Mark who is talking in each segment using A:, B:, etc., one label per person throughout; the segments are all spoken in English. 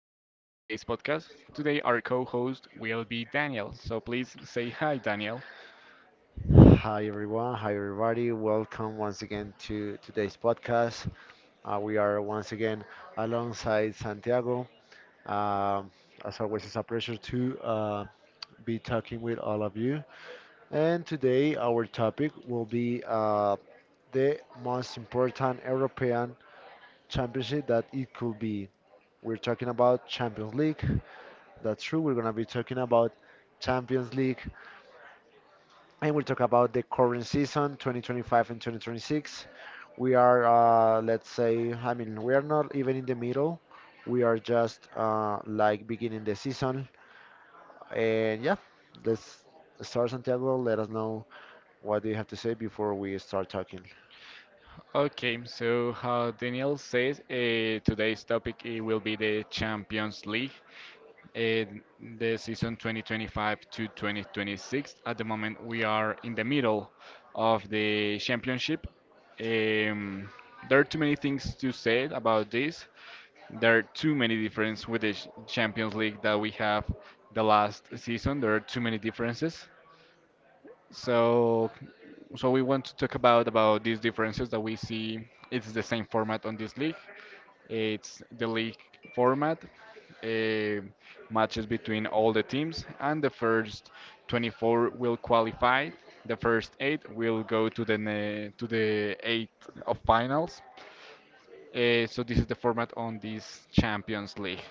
A: podcast. Today, our co host will be Daniel. So, please say hi, Daniel.
B: Hi everyone, hi everybody. Welcome once again to today's podcast. We are once again alongside Santiago. Um, as always, it's a pleasure to be talking with all of you. And today, our topic will be the most important European championship that it could be. We're talking about Champions League. That's true. We're gonna be talking about Champions League, and we'll talk about the current season 2025 and 2026. We are let's say, I mean, we are not even in the middle. We are just like beginning the season, and yeah, let's start. Santiago, let us know, what do you have to say before we start talking?
A: Okay, so how Daniel says, today's topic it will be the Champions League, uh, the season 2025 to 2026. At the moment, we are in the middle of the championship. Um, there are too many things to say about this. There are too many differences with the Champions League that we have the last season. There are too many differences. So, so we want to talk about these differences that we see. It's the same format on this league. It's the league format, uh, matches between all the teams, and the first 24 will qualify. The first eight will go to the eight of finals, so this is the format on this Champions League.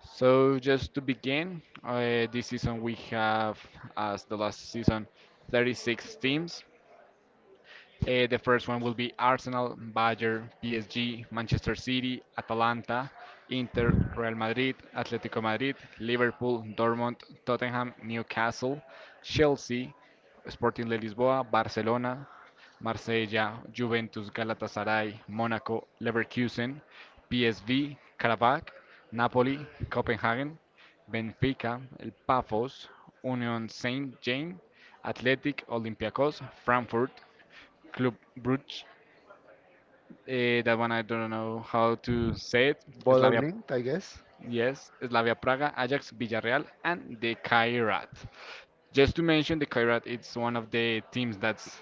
A: So just to begin, this season we have, as the last season, 36 teams. The first one will be Arsenal, Bayern, PSG, Manchester City, Atalanta, Inter, Real Madrid, Atlético Madrid, Liverpool, Dortmund, Tottenham, Newcastle, Chelsea, Sporting de Lisboa, Barcelona, Marsella, Juventus, Galatasaray, Monaco, Leverkusen, PSV, Karabakh, Napoli, Copenhagen, Benfica, El Pafos, Union Saint-Jean, Athletic, Olympiacos, Frankfurt, Club Brugge. That one I don't know how to say it.
B: Bodog
A: Slavia,
B: linked, I guess.
A: yes, Slavia Praga, Ajax, Villarreal, and the Kairat. Just to mention, the Kairat it's one of the teams that's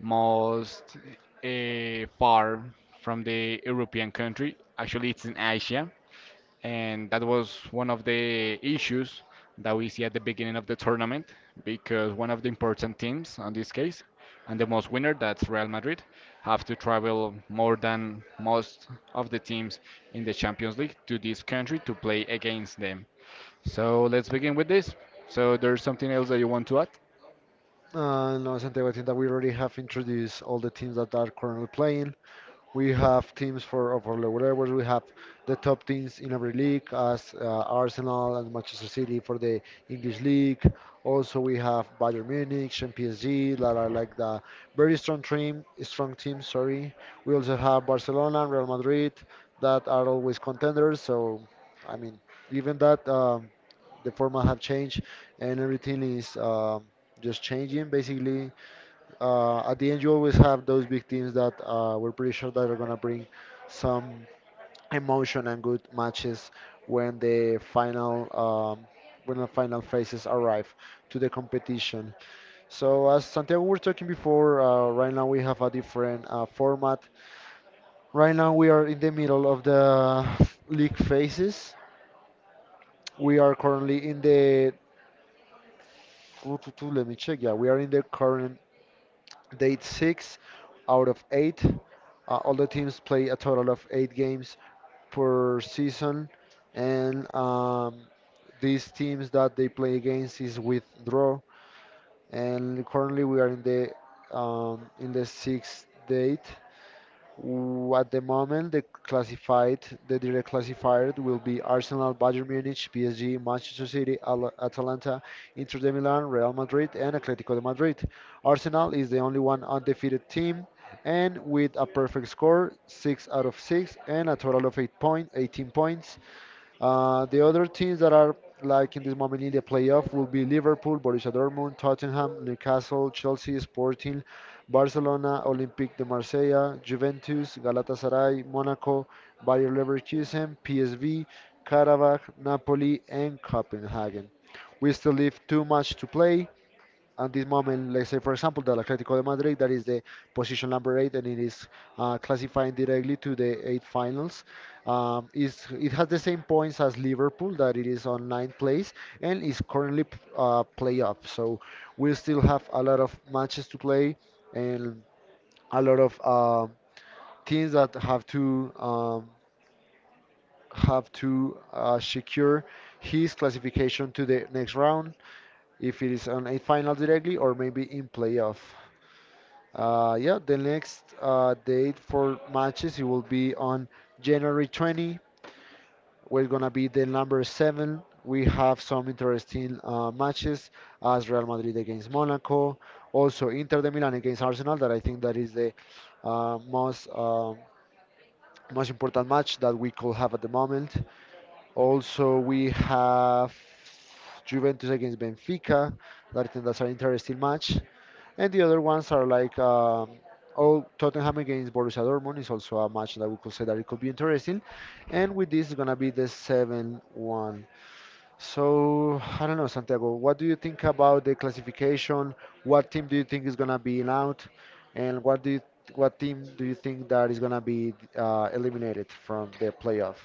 A: most far from the European country. Actually, it's in Asia, and that was one of the issues that we see at the beginning of the tournament because one of the important teams on this case and the most winner that's Real Madrid have to travel more than most of the teams in the Champions League to this country to play against them. So let's begin with this. So there's something else that you want to add?
B: No, Santiago, I think that we already have introduced all the teams that are currently playing. We have teams for lower levels. We have the top teams in every league, as Arsenal and Manchester City for the English league. Also, we have Bayern Munich and PSG that are like the very strong team, strong team. Sorry. We also have Barcelona and Real Madrid that are always contenders. So, I mean, even that the format have changed, and everything is just changing basically. At the end, you always have those big teams that we're pretty sure that are gonna bring some emotion and good matches when the final um, phases arrive to the competition. So as Santiago was talking before, right now we have a different format. Right now we are in the middle of the league phases. We are currently in the, let me check. Yeah, we are in the current date six out of eight. All the teams play a total of eight games per season, and these teams that they play against is with draw. And currently, we are in the sixth date. At the moment, the classified, the direct classifier will be Arsenal, Bayern Munich, PSG, Manchester City, Atalanta, Inter de Milan, Real Madrid, and Atletico de Madrid. Arsenal is the only one undefeated team, and with a perfect score, six out of six, and a total of 18 points. The other teams that are like in this moment in the playoff will be Liverpool, Borussia Dortmund, Tottenham, Newcastle, Chelsea, Sporting, Barcelona, Olympique de Marseille, Juventus, Galatasaray, Monaco, Bayer Leverkusen, PSV, Karabakh, Napoli, and Copenhagen. We still leave too much to play at this moment. Let's say for example that Atletico de Madrid, that is the position number eight, and it is classifying directly to the eight finals. Is it has the same points as Liverpool, that it is on ninth place, and is currently playoff. So we still have a lot of matches to play, and a lot of teams that have to secure his classification to the next round, if it is on a final directly or maybe in playoff. Yeah, the next date for matches it will be on January 20. We're gonna be the number seven. We have some interesting matches as Real Madrid against Monaco, also Inter de Milan against Arsenal. That I think that is the uh, most uh, most important match that we could have at the moment. Also, we have Juventus against Benfica. That I think that's an interesting match. And the other ones are like oh, Tottenham against Borussia Dortmund is also a match that we could say that it could be interesting. And with this, it's gonna be the 7-1. So I don't know, Santiago, what do you think about the classification? What team do you think is gonna be out? And what team do you think that is gonna be eliminated from the playoff?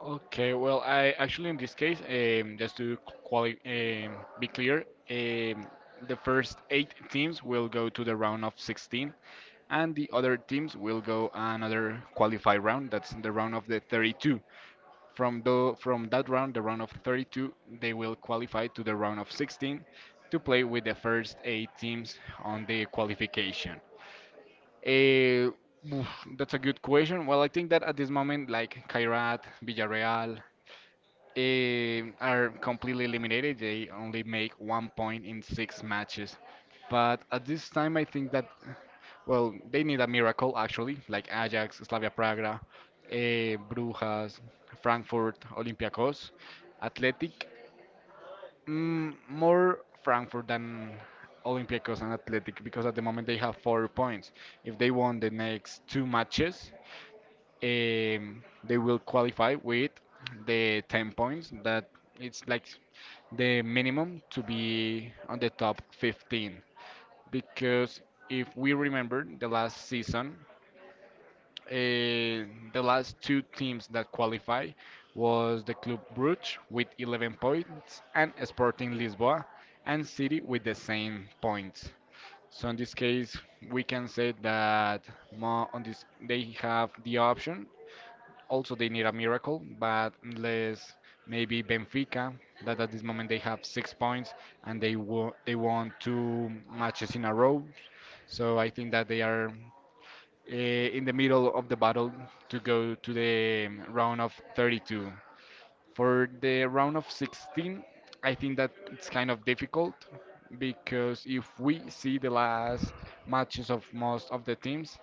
A: Okay, well, I actually in this case, just to quali be clear, the first eight teams will go to the round of 16, and the other teams will go another qualify round. That's the round of the 32. From that round, the round of 32, they will qualify to the round of 16 to play with the first eight teams on the qualification. Eh, oof, that's a good question. Well, I think that at this moment, like Kairat, Villarreal, are completely eliminated. They only make one point in six matches. But at this time, I think that, well, they need a miracle actually, like Ajax, Slavia Praga, Brujas, Frankfurt, Olympiacos, Athletic. More Frankfurt than Olympiacos and Athletic because at the moment they have four points. If they won the next two matches, they will qualify with the 10 points that it's like the minimum to be on the top 15 because if we remember the last season, uh, the last two teams that qualify was the Club Brugge with 11 points and Sporting Lisboa and City with the same points. So in this case, we can say that more on this they have the option also, they need a miracle, but unless maybe Benfica, that at this moment they have six points and they won two matches in a row. So I think that they are in the middle of the battle to go to the round of 32. For the round of 16, I think that it's kind of difficult because if we see the last matches of most of the teams,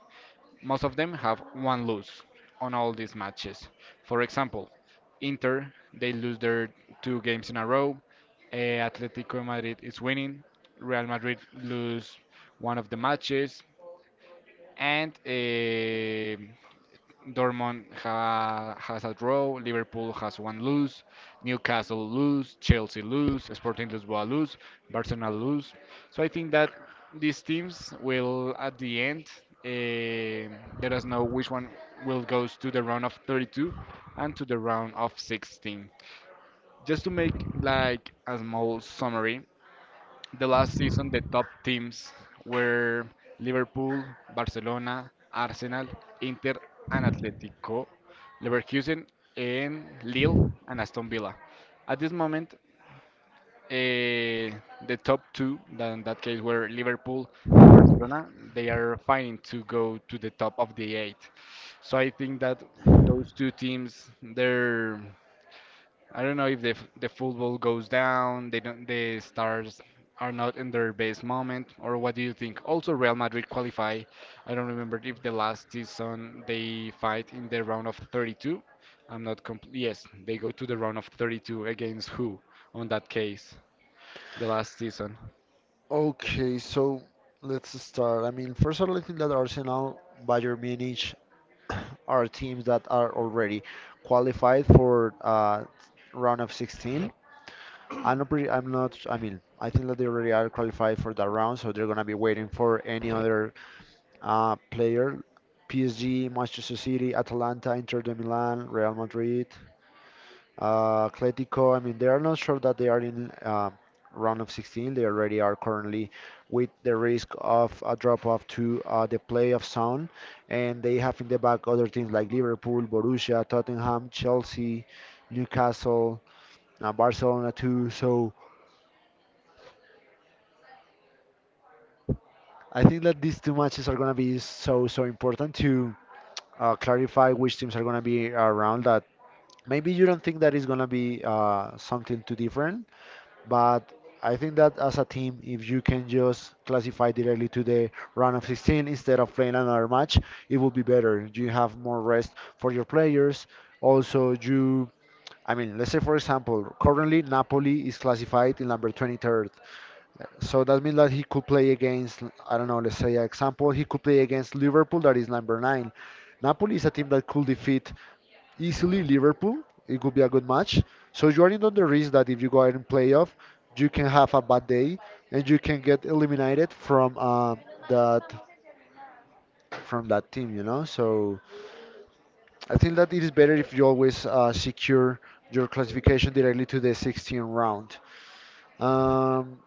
A: most of them have one loss on all these matches. For example, Inter, they lose their two games in a row. Atletico Madrid is winning. Real Madrid lose one of the matches. And Dortmund has a draw, Liverpool has one lose, Newcastle lose, Chelsea lose, Sporting Lisbon lose, Barcelona lose. So I think that these teams will, at the end, uh, let us know which one will goes to the round of 32 and to the round of 16. Just to make like a small summary, the last season, the top teams were Liverpool, Barcelona, Arsenal, Inter, and Atletico, Leverkusen, and Lille, and Aston Villa. At this moment, eh, the top two, that in that case were Liverpool and Barcelona, they are fighting to go to the top of the eight. So I think that those two teams, their I don't know if the the football goes down, they don't the stars are not in their best moment, or what do you think? Also, Real Madrid qualify. I don't remember if the last season they fight in the round of 32. I'm not compl- Yes, they go to the round of 32 against who on that case, the last season.
B: Okay, so let's start. I mean, first of all, I think that Arsenal, Bayern Munich are teams that are already qualified for round of 16. I'm not pretty, I'm not, I mean, I think that they already are qualified for that round, so they're going to be waiting for any other player. PSG, Manchester City, Atalanta, Inter de Milan, Real Madrid. Atletico, I mean, they are not sure that they are in round of 16. They already are currently with the risk of a drop off to the playoff zone, and they have in the back other teams like Liverpool, Borussia, Tottenham, Chelsea, Newcastle, Barcelona too. So I think that these two matches are going to be so so important to clarify which teams are going to be around that. Maybe you don't think that is going to be something too different, but I think that as a team, if you can just classify directly to the round of 16 instead of playing another match, it would be better. You have more rest for your players. Also, I mean, let's say for example, currently Napoli is classified in number 23rd. So that means that he could play against, I don't know, let's say example, he could play against Liverpool that is number 9. Napoli is a team that could defeat easily Liverpool. It could be a good match. So you are in on the risk that if you go out in playoff, you can have a bad day and you can get eliminated from that from that team. You know, so I think that it is better if you always secure your classification directly to the 16 round. Um,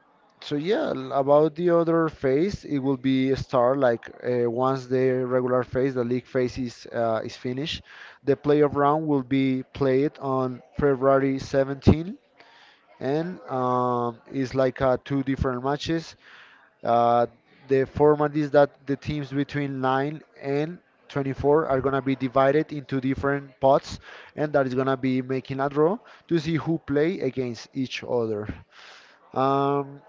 B: so yeah, about the other phase, it will be start like once the regular phase, the league phase is finished. The playoff round will be played on February 17, and it's like two different matches. Uh, the format is that the teams between 9 and 24 are gonna be divided into different pots, and that is gonna be making a draw to see who play against each other. Um,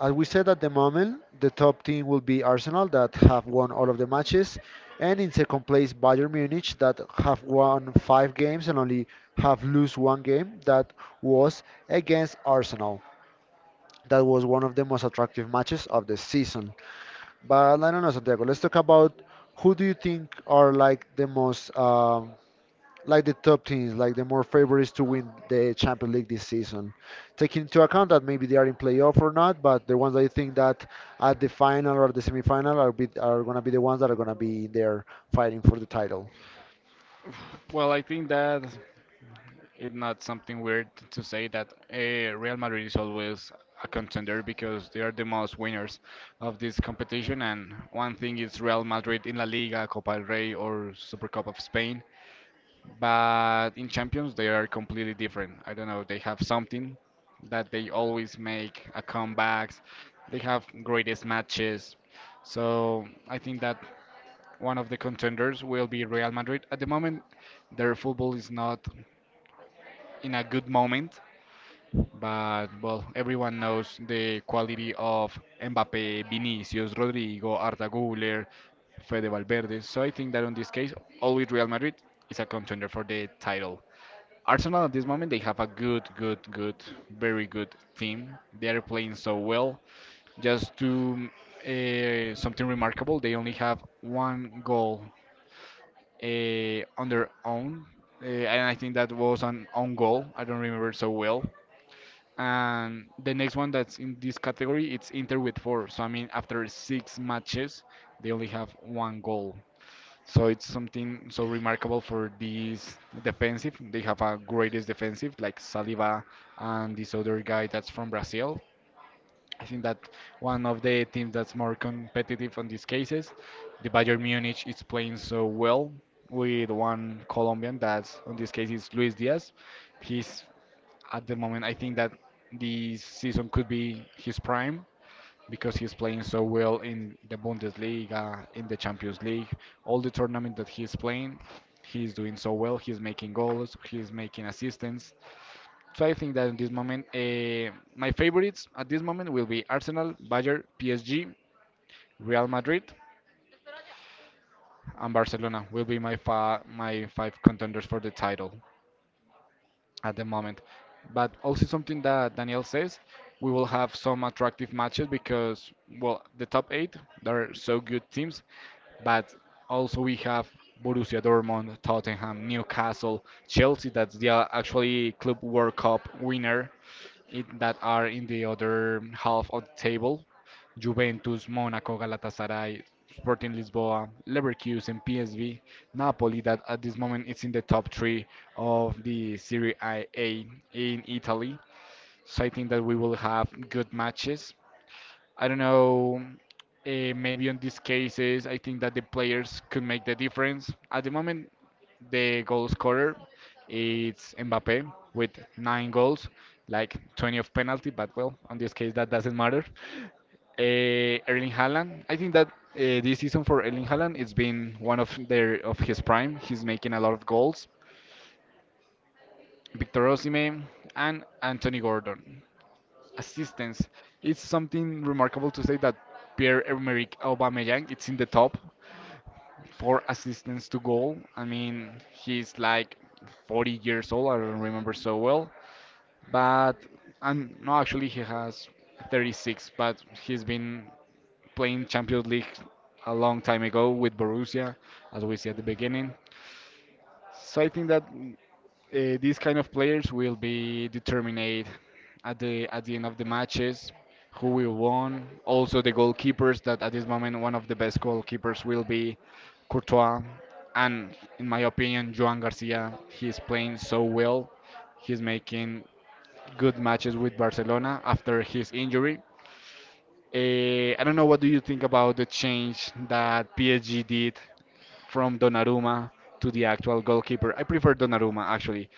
B: as we said at the moment, the top team will be Arsenal that have won all of the matches, and in second place Bayern Munich that have won five games and only have lost one game. That was against Arsenal. That was one of the most attractive matches of the season. But I don't know, Santiago. Let's talk about who do you think are like the most like the top teams, like the more favorites to win the Champions League this season. Taking into account that maybe they are in playoff or not, but the ones I think that at the final or the semifinal are gonna be the ones that are gonna be there fighting for the title.
A: Well, I think that it's not something weird to say that Real Madrid is always a contender because they are the most winners of this competition. And one thing is Real Madrid in La Liga, Copa del Rey, or Super Cup of Spain. But in Champions, they are completely different. I don't know, they have something that they always make a comebacks. They have greatest matches. So I think that one of the contenders will be Real Madrid. At the moment, their football is not in a good moment, but well, everyone knows the quality of Mbappe, Vinicius, Rodrigo, Arda Güler, Fede Valverde. So I think that on this case, always Real Madrid is a contender for the title. Arsenal at this moment they have a good, good, good, very good team. They are playing so well. Just to something remarkable, they only have one goal on their own, and I think that was an own goal. I don't remember so well, and the next one that's in this category, it's Inter with four. So I mean, after six matches, they only have one goal. So it's something so remarkable for this defensive. They have a greatest defensive like Saliba and this other guy that's from Brazil. I think that one of the teams that's more competitive on these cases. The Bayern Munich is playing so well with one Colombian that's on this case is Luis Diaz. He's at the moment, I think that this season could be his prime because he's playing so well in the Bundesliga, in the Champions League, all the tournament that he's playing, he's doing so well. He's making goals, he's making assists. So I think that in this moment, my favorites at this moment will be Arsenal, Bayern, PSG, Real Madrid, and Barcelona will be my my five contenders for the title at the moment. But also something that Daniel says, we will have some attractive matches because, well, the top eight, they're so good teams, but also we have Borussia Dortmund, Tottenham, Newcastle, Chelsea, that's the actually Club World Cup winner, in, that are in the other half of the table. Juventus, Monaco, Galatasaray, Sporting Lisboa, Leverkusen, PSV, Napoli, that at this moment it's in the top three of the Serie A in Italy. So I think that we will have good matches. I don't know. Maybe on these cases, I think that the players could make the difference. At the moment, the goal scorer it's Mbappe with nine goals, like 20 of penalty. But well, on this case, that doesn't matter. Erling Haaland, I think that this season for Erling Haaland, it's been one of their of his prime. He's making a lot of goals. Victor Osimhen and Anthony Gordon assistance. It's something remarkable to say that Pierre-Emerick Aubameyang it's in the top for assistance to goal. I mean, he's like 40 years old. I don't remember so well, but I'm no, actually he has 36, but he's been playing Champions League a long time ago with Borussia, as we see at the beginning. So I think that these kind of players will be determined at the end of the matches who will won, also the goalkeepers that at this moment one of the best goalkeepers will be Courtois, and in my opinion Joan Garcia, he is playing so well, he's making good matches with Barcelona after his injury. I don't know, what do you think about the change that PSG did from Donnarumma to the actual goalkeeper? I prefer Donnarumma actually,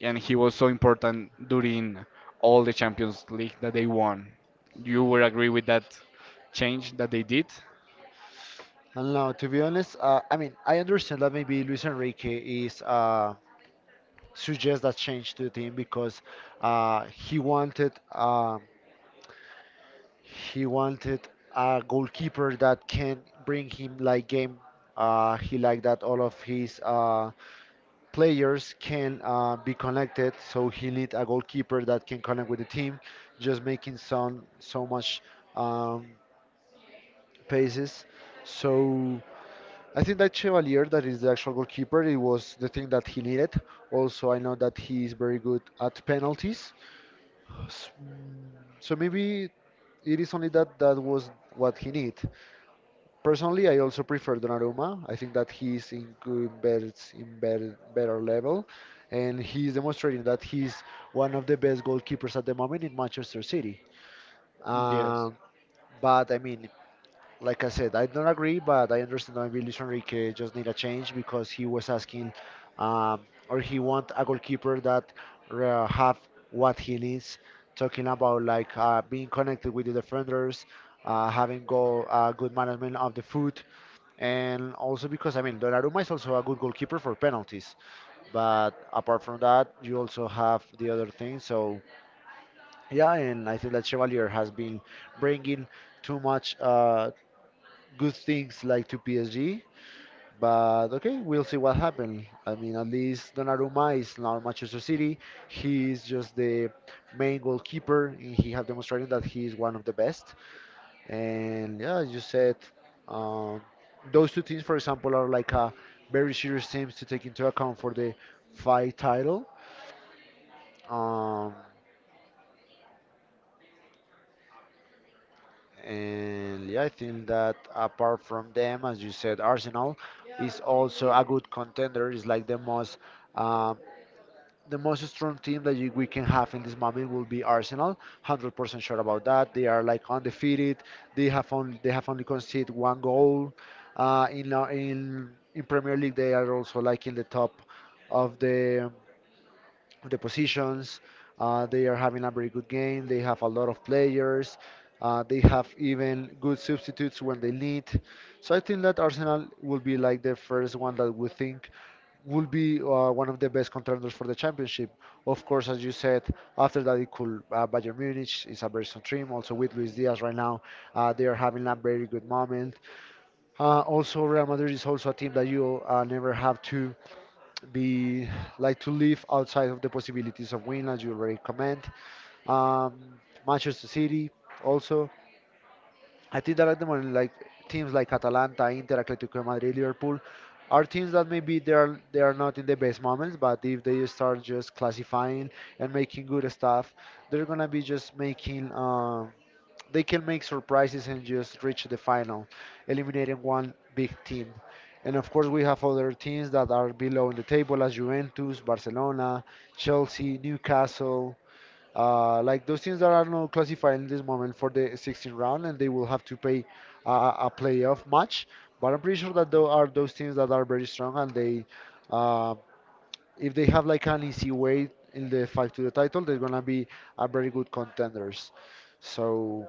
A: and he was so important during all the Champions League that they won. You would agree with that change that they did?
B: And now, to be honest, I mean, I understand that maybe Luis Enrique is suggests that change to the team because uh, he wanted. Uh, He wanted a goalkeeper that can bring him like game. He liked that all of his players can be connected, so he need a goalkeeper that can connect with the team, just making some so much um, paces. So I think that Chevalier, that is the actual goalkeeper, it was the thing that he needed. Also, I know that he is very good at penalties. S- mm, So maybe it is only that that was what he need. Personally, I also prefer Donnarumma. I think that he's in good better in better better level, and he's demonstrating that he's one of the best goalkeepers at the moment in Manchester City.
A: Yes.
B: Um, but I mean, like I said, I don't agree, but I understand why Luis Enrique just need a change because he was asking, um, or he want a goalkeeper that have what he needs. Talking about like being connected with the defenders, uh, good management of the foot, and also because I mean Donnarumma is also a good goalkeeper for penalties. But apart from that, you also have the other thing. So yeah, and I think that Chevalier has been bringing too much good things like to PSG. But okay, we'll see what happens. I mean, at least Donnarumma is now in Manchester City. He's just the main goalkeeper, and he have demonstrated that he is one of the best. And yeah, as you said, um, those two teams, for example, are like a very serious teams to take into account for the fight title. Um, And yeah, I think that apart from them, as you said, Arsenal is also a good contender. It's like um, the most strong team that we can have in this moment will be Arsenal. 100% sure about that. They are like undefeated. They have only conceded one goal. In la- in Premier League, they are also like in the top of the positions. They are having a very good game. They have a lot of players. They have even good substitutes when they need. So I think that Arsenal will be like the first one that we think will be one of the best contenders for the championship. Of course, as you said, after that it could Bayern Munich is a very strong team. Also with Luis Diaz right now, they are having a very good moment. Also, Real Madrid is also a team that you never have to be like to live outside of the possibilities of win, as you already comment. Um, Manchester City also. I think that at the moment, like teams like Atalanta, Inter, Atletico de Madrid, Liverpool, are teams that maybe they are not in the best moments, but if they start just classifying and making good stuff, they're gonna be just making they can make surprises and just reach the final, eliminating one big team. And of course, we have other teams that are below in the table, as Juventus, Barcelona, Chelsea, Newcastle. Like those teams that are not classified in this moment for the 16th round, and they will have to pay a, a playoff match. But I'm pretty sure that there are those teams that are very strong, and uh, if they have like an easy way in the fight to the title, they're gonna be a very good contenders. So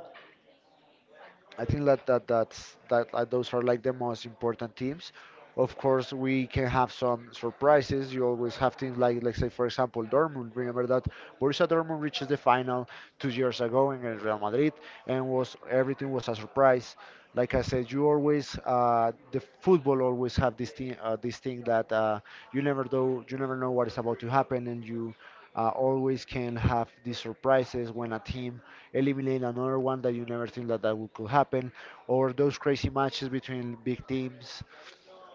B: I think that that that's that those are like the most important teams. Of course, we can have some surprises. You always have teams like, let's say, for example, Dortmund. Remember that Borussia Dortmund reaches the final 2 years ago against Real Madrid, and was everything was a surprise. Like I said, you always the football always have this thing that you never know what is about to happen, and you always can have these surprises when a team eliminate another one that you never think that could happen, or those crazy matches between big teams.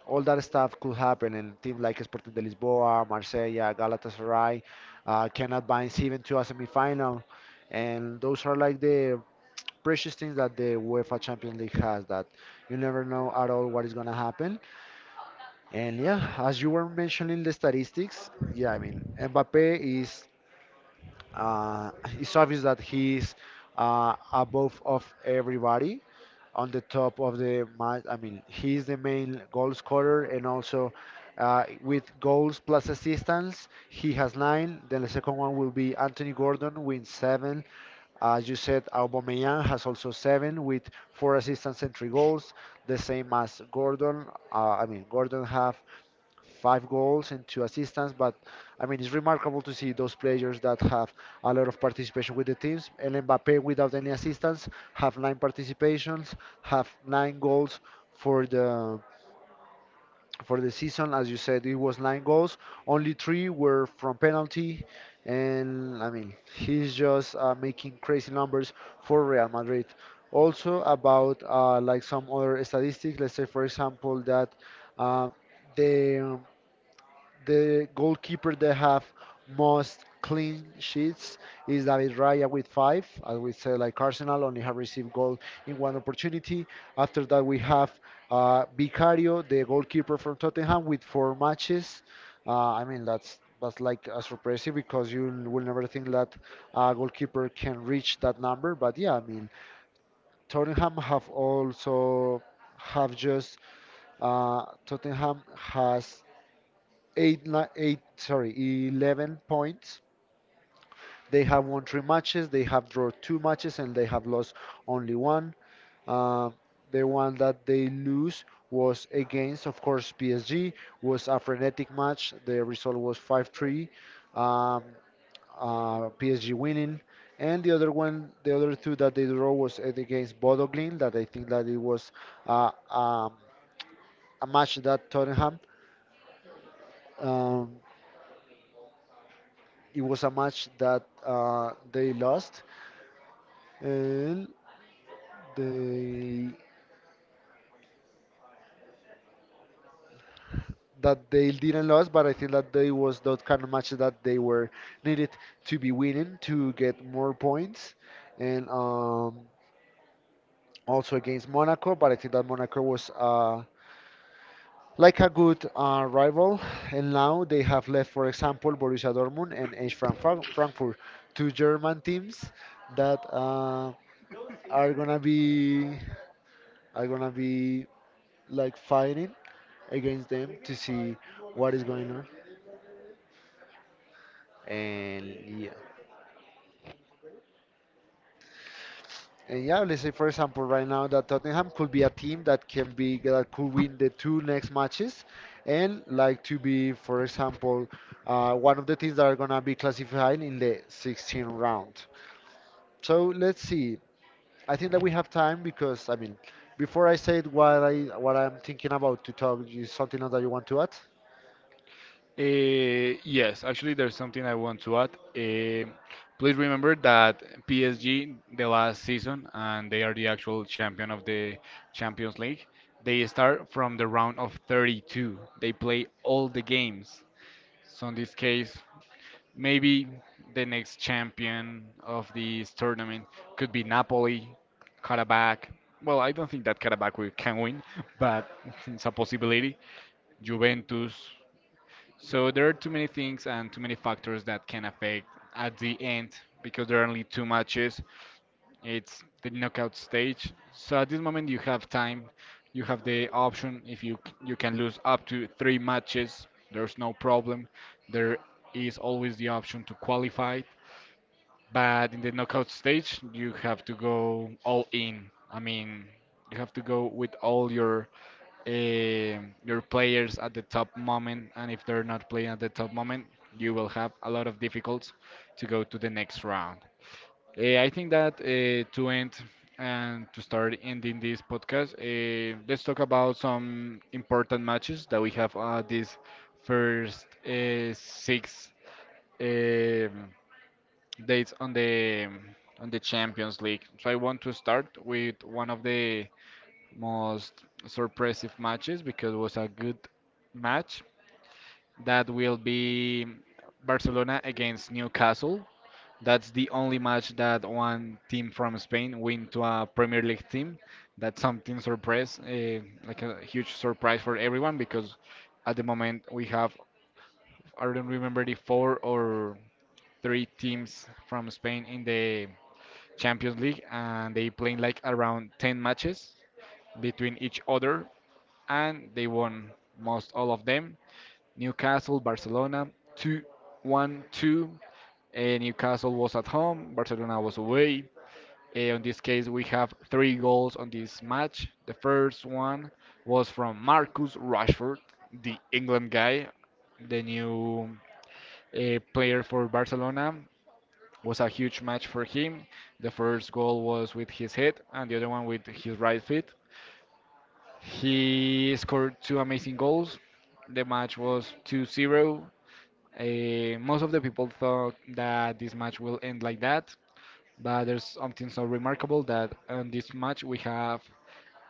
B: All that stuff could happen, and teams like Sporting de Lisboa, Marseille, Galatasaray can advance even to a semifinal, and those are like the precious things that the UEFA Champions League has that you never know at all what is going to happen. And yeah, as you were mentioning the statistics, yeah, I mean, Mbappe is uh, it's obvious that he's above of everybody on the top of the match. I mean, he's the main goal scorer and also with goals plus assistance, he has nine. Then the second one will be Anthony Gordon with seven. As you said, Aubameyang has also seven with four assists and three goals, the same as Gordon. I mean, Gordon have five goals and two assists. But I mean, it's remarkable to see those players that have a lot of participation with the teams. And Mbappe, without any assistance, have nine participations, have nine goals for the for the season. As you said, it was nine goals. Only three were from penalty. And I mean, he's just making crazy numbers for Real Madrid. Also about like some other statistics. Let's say, for example, that uh, the the goalkeeper that have most clean sheets is David Raya with five. As we said, like Arsenal only have received goal in one opportunity. After that, we have Vicario, the goalkeeper from Tottenham, with four matches. I mean, that's like a surprise because you will never think that a goalkeeper can reach that number. But yeah, I mean, Tottenham have also have just Tottenham has eight, ni- eight, sorry, 11 points. They have won three matches, they have drawn two matches, and they have lost only one. Uh, the one that they lose was against, of course, PSG. Was a frenetic match. The result was 5-3. Um, PSG winning. And the other one, the other two that they draw was against Bodoglin. That I think that it was uh, um, a match that Tottenham. Um, It was a match that they lost, and they that they didn't lose, but I think that they was that kind of match that they were needed to be winning to get more points, and also against Monaco. But I think that Monaco was like a good rival, and now they have left, for example, Borussia Dortmund and Eintracht Frankfurt, two German teams that are gonna be are gonna be like fighting against them to see what is going on. And yeah, and yeah, let's say for example right now that Tottenham could be a team that can be that could win the two next matches, and like to be for example one of the teams that are gonna be classified in the 16th round. So let's see. I think that we have time because I mean, before I say what I'm thinking about to talk, is something else that you want to add?
A: Yes, actually, there's something I want to add. Please remember that PSG, the last season, and they are the actual champion of the Champions League, they start from the round of 32. They play all the games. So, in this case, maybe the next champion of this tournament could be Napoli, Karabakh. Well, I don't think that Karabakh will, can win, but it's a possibility. Juventus. So there are too many things and too many factors that can affect at the end, because there are only two matches. It's the knockout stage. So at this moment you have time. You have the option if you can lose up to three matches. There's no problem. There is always the option to qualify. But in the knockout stage, you have to go all in. I mean, you have to go with all your players at the top moment, and if they're not playing at the top moment, you will have a lot of difficulties to go to the next round. I think that to end and to start ending this podcast, let's talk about some important matches that we have this first six. um Dates on the Champions League. So I want to start with one of the most surprising matches, because it was a good match. That will be Barcelona against Newcastle. That's the only match that one team from Spain win to a Premier League team. That's something surprise, like a huge surprise for everyone, because at the moment we have, I don't remember, the four or three teams from Spain in the Champions League, and they played like around 10 matches between each other, and they won most all of them. Newcastle, Barcelona, two, one, two. 1 Newcastle was at home, Barcelona was away. On this case, we have three goals on this match. The first one was from Marcus Rashford, the England guy, the new player for Barcelona. Was a huge match for him. The first goal was with his head, and the other one with his right foot. He scored two amazing goals. The match was 2-0. Most of the people thought that this match will end like that, but there's something so remarkable that in this match we have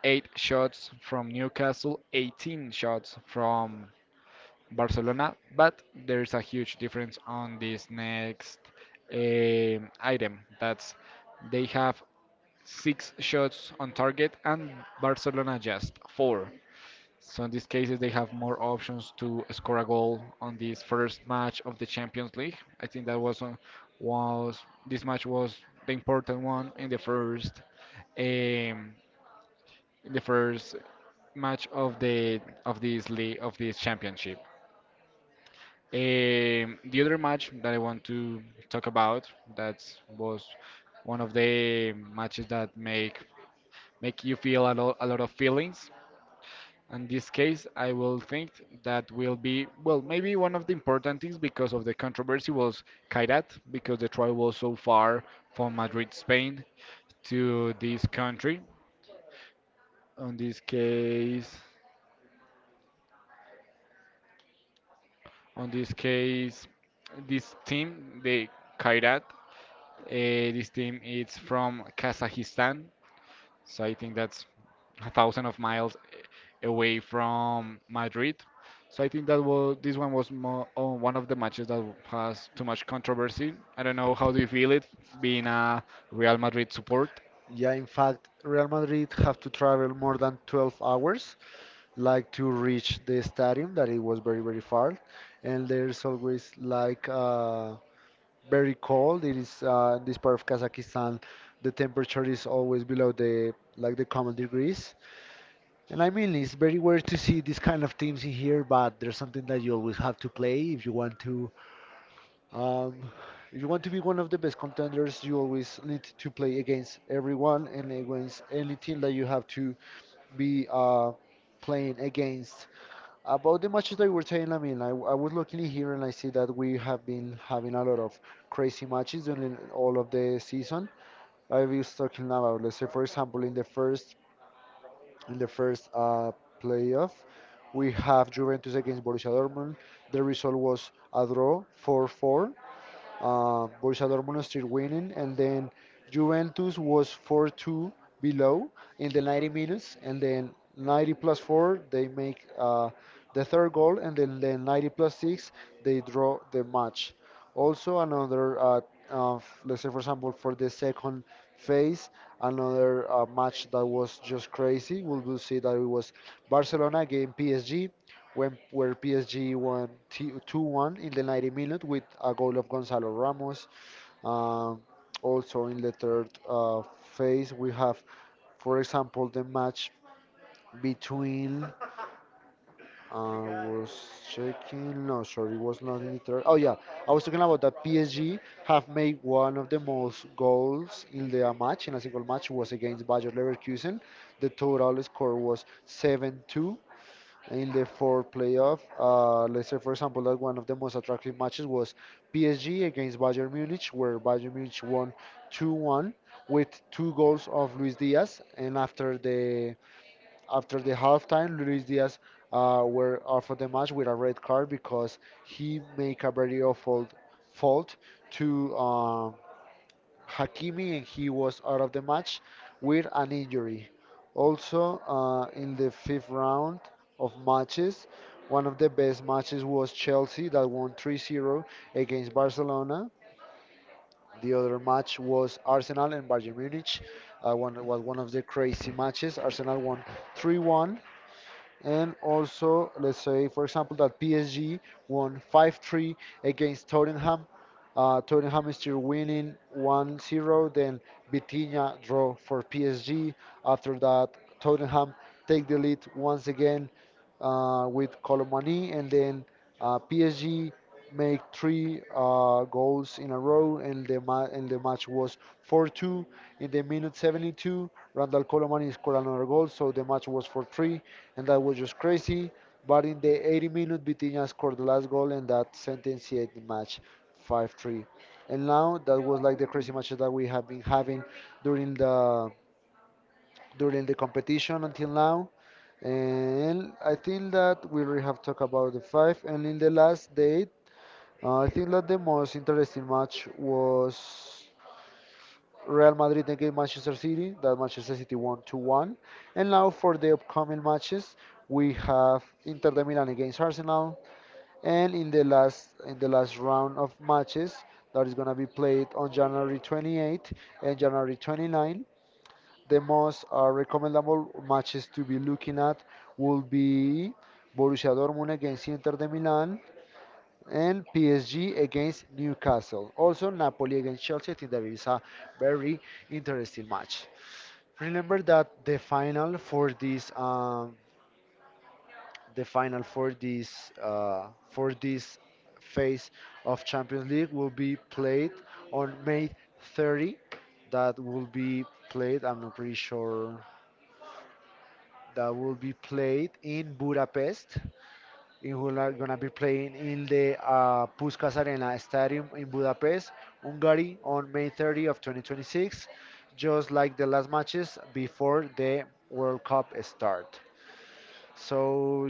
A: eight shots from Newcastle, 18 shots from Barcelona, but there's a huge difference on this next item. That's they have six shots on target, and Barcelona just four. So in these cases, they have more options to score a goal on this first match of the Champions League. I think that was was this match was the important one um, in the first match of the of this league of this championship. The other match that I want to talk about, that was one of the matches that make you feel a lot of feelings. In this case, I will think that will be, well, maybe one of the important things because of the controversy, was Kairat, because the trial was so far from Madrid, Spain, to this country. On this case. On this case, this team, the Kairat, this team is from Kazakhstan, so I think that's a thousand of miles away from Madrid. So I think that was, this one was more, oh, one of the matches that has too much controversy. I don't know how do you feel it being a Real Madrid support
B: Yeah, in fact, Real Madrid have to travel more than 12 hours, like to reach the stadium, that it was very, very far. And there's always like very cold. It is in this part of Kazakhstan, the temperature is always below the like the common degrees. And I mean, it's very rare to see these kind of teams in here, but there's something that you always have to play if you want to um, you want to be one of the best contenders. You always need to play against everyone and against any team that you have to be playing against. About the matches that you were saying, I mean, I was looking here and I see that we have been having a lot of crazy matches during all of the season. I was talking about, let's say, for example, in the first playoff, we have Juventus against Borussia Dortmund. The result was a draw, 4-4 Borussia Dortmund still winning, and then Juventus was 4-2 below in the 90 minutes, and then 90 plus 4 they make the third goal, and then 90 plus 6 they draw the match. Also let's say for example for the second phase, another match that was just crazy. We'll see that it was Barcelona against PSG when where PSG won 2-1 in the 90-minute with a goal of Gonzalo Ramos. Um, Also in the third phase, we have, for example, the match between. I was checking. No, sorry, it was not in the third. Oh yeah, I was talking about that PSG have made one of the most goals in the match in a single match was against Bayer Leverkusen. The total score was 7-2 in the fourth playoff. Let's say, for example, that one of the most attractive matches was PSG against Bayern Munich, where Bayern Munich won 2-1 with two goals of Luis Diaz. And after the halftime, Luis Diaz were off of the match with a red card because he made a very awful fault to Hakimi and he was out of the match with an injury. Also, in the fifth round of matches, one of the best matches was Chelsea that won 3-0 against Barcelona. The other match was Arsenal and Bayern Munich. Was one of the crazy matches. Arsenal won 3-1 and also, let's say, for example, that PSG won 5-3 against Tottenham. Tottenham is still winning 1-0. Then Vitinha draw for PSG. After that, Tottenham take the lead once again with Colomani. And then PSG make three goals in a row. And the match was 4-2. In the minute 72, Randall Colomani scored another goal. So the match was 4-3 and that was just crazy. But in the 80-minute, Vitinha scored the last goal, and that sentenced the match 5-3. And now that was like the crazy matches that we have been having during the during the competition until now. And I think that we already have talked about the five. And in the last date, I think that the most interesting match was. Real Madrid against Manchester City. That Manchester City won 2-1. And now for the upcoming matches, we have Inter de Milan against Arsenal. And in the last round of matches that is gonna be played on January 28th and January 29, the most recommendable matches to be looking at will be Borussia Dortmund against Inter de Milan, and PSG against Newcastle. Also, Napoli against Chelsea. I think that is a very interesting match. Remember that the final for this phase of Champions League will be played on May 30. That will be played. I'm not pretty sure. That will be played in Budapest. In who are gonna be playing in the Puskas Arena Stadium in Budapest, Hungary, on May 30 of 2026, just like the last matches before the World Cup start. So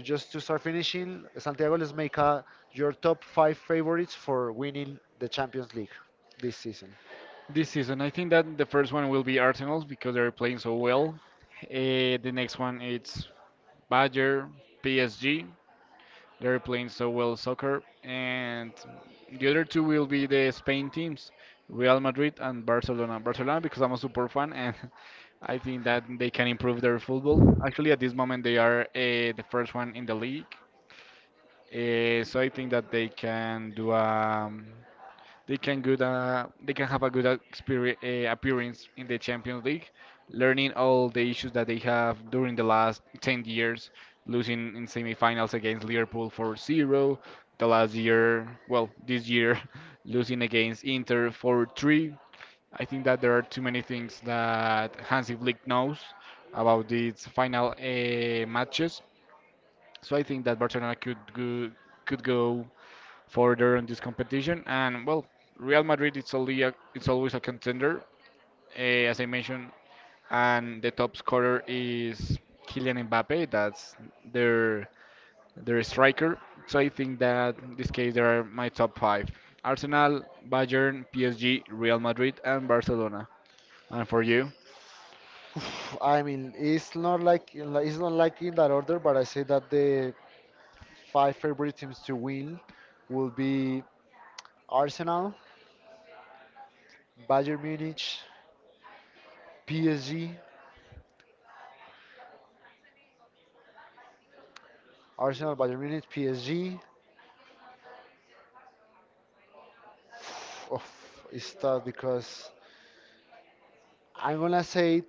B: just to start finishing, Santiago, let's make your top five favorites for winning the Champions League this season.
A: this season. I think that the first one will be Arsenal's, because they're playing so well. The next one it's Bayern, PSG. They're playing so well soccer, and the other two will be the Spain teams, Real Madrid and Barcelona. Barcelona because I'm a super fan, and I think that they can improve their football. Actually, at this moment they are the first one in the league, so I think that they can do. They can good they can have a good experience, appearance in the Champions League, learning all the issues that they have during the last 10 years, losing in semifinals against Liverpool for zero, the last year, well, this year, losing against Inter for three. I think that there are too many things that Hansi Flick knows about these final matches. So I think that Barcelona could go further in this competition. And well, Real Madrid it's always a contender, uh, as I mentioned, and the top scorer is Kylian Mbappe. That's their their striker. So I think that in this case they are my top five: Arsenal, Bayern, PSG, Real Madrid, and Barcelona. And for you?
B: Oof, I mean, it's not like in that order, but I say that the five favorite teams to win will be Arsenal, Bayern Munich, PSG, Arsenal, Bayern Munich, PSG. Oof, it's tough because I'm gonna say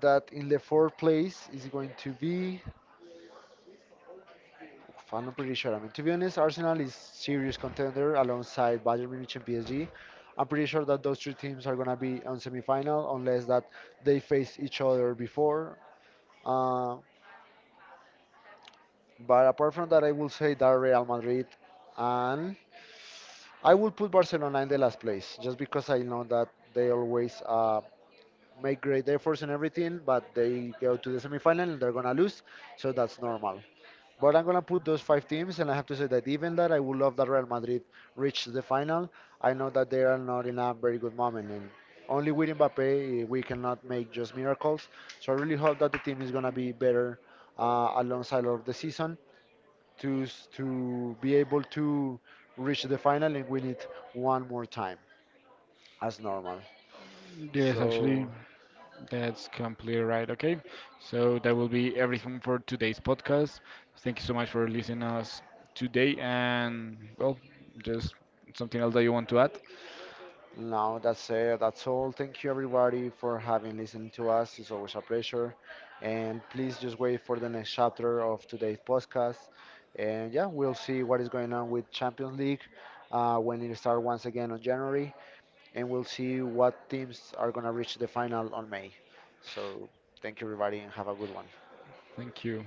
B: that in the fourth place is going to be. Oof, I'm not pretty sure. I mean, to be honest, Arsenal is serious contender alongside Bayern Munich and PSG. I'm pretty sure that those three teams are gonna be on semifinal unless that they face each other before. Uh, but apart from that, I will say that Real Madrid and I will put Barcelona in the last place just because I know that they always make great efforts and everything, but they go to the semifinal and they're gonna lose, so that's normal. But I'm gonna put those five teams, and I have to say that even that I would love that Real Madrid reached the final, I know that they are not in a very good moment, and only with Mbappe we cannot make just miracles. So I really hope that the team is gonna be better alongside of the season, to to be able to reach the final, and win it one more time as normal.
A: Yes, actually,
B: So
A: that's completely right. Okay. So that will be everything for today's podcast. Thank you so much for listening us today and, well, just something else that you want to add?
B: now that's it. That's all. Thank you everybody for having listened to us. It's always a pleasure. And please just wait for the next chapter of today's podcast. And yeah, we'll see what is going on with Champions League when it starts once again on January. And we'll see what teams are going to reach the final on May. So thank you everybody and have a good one.
A: Thank you.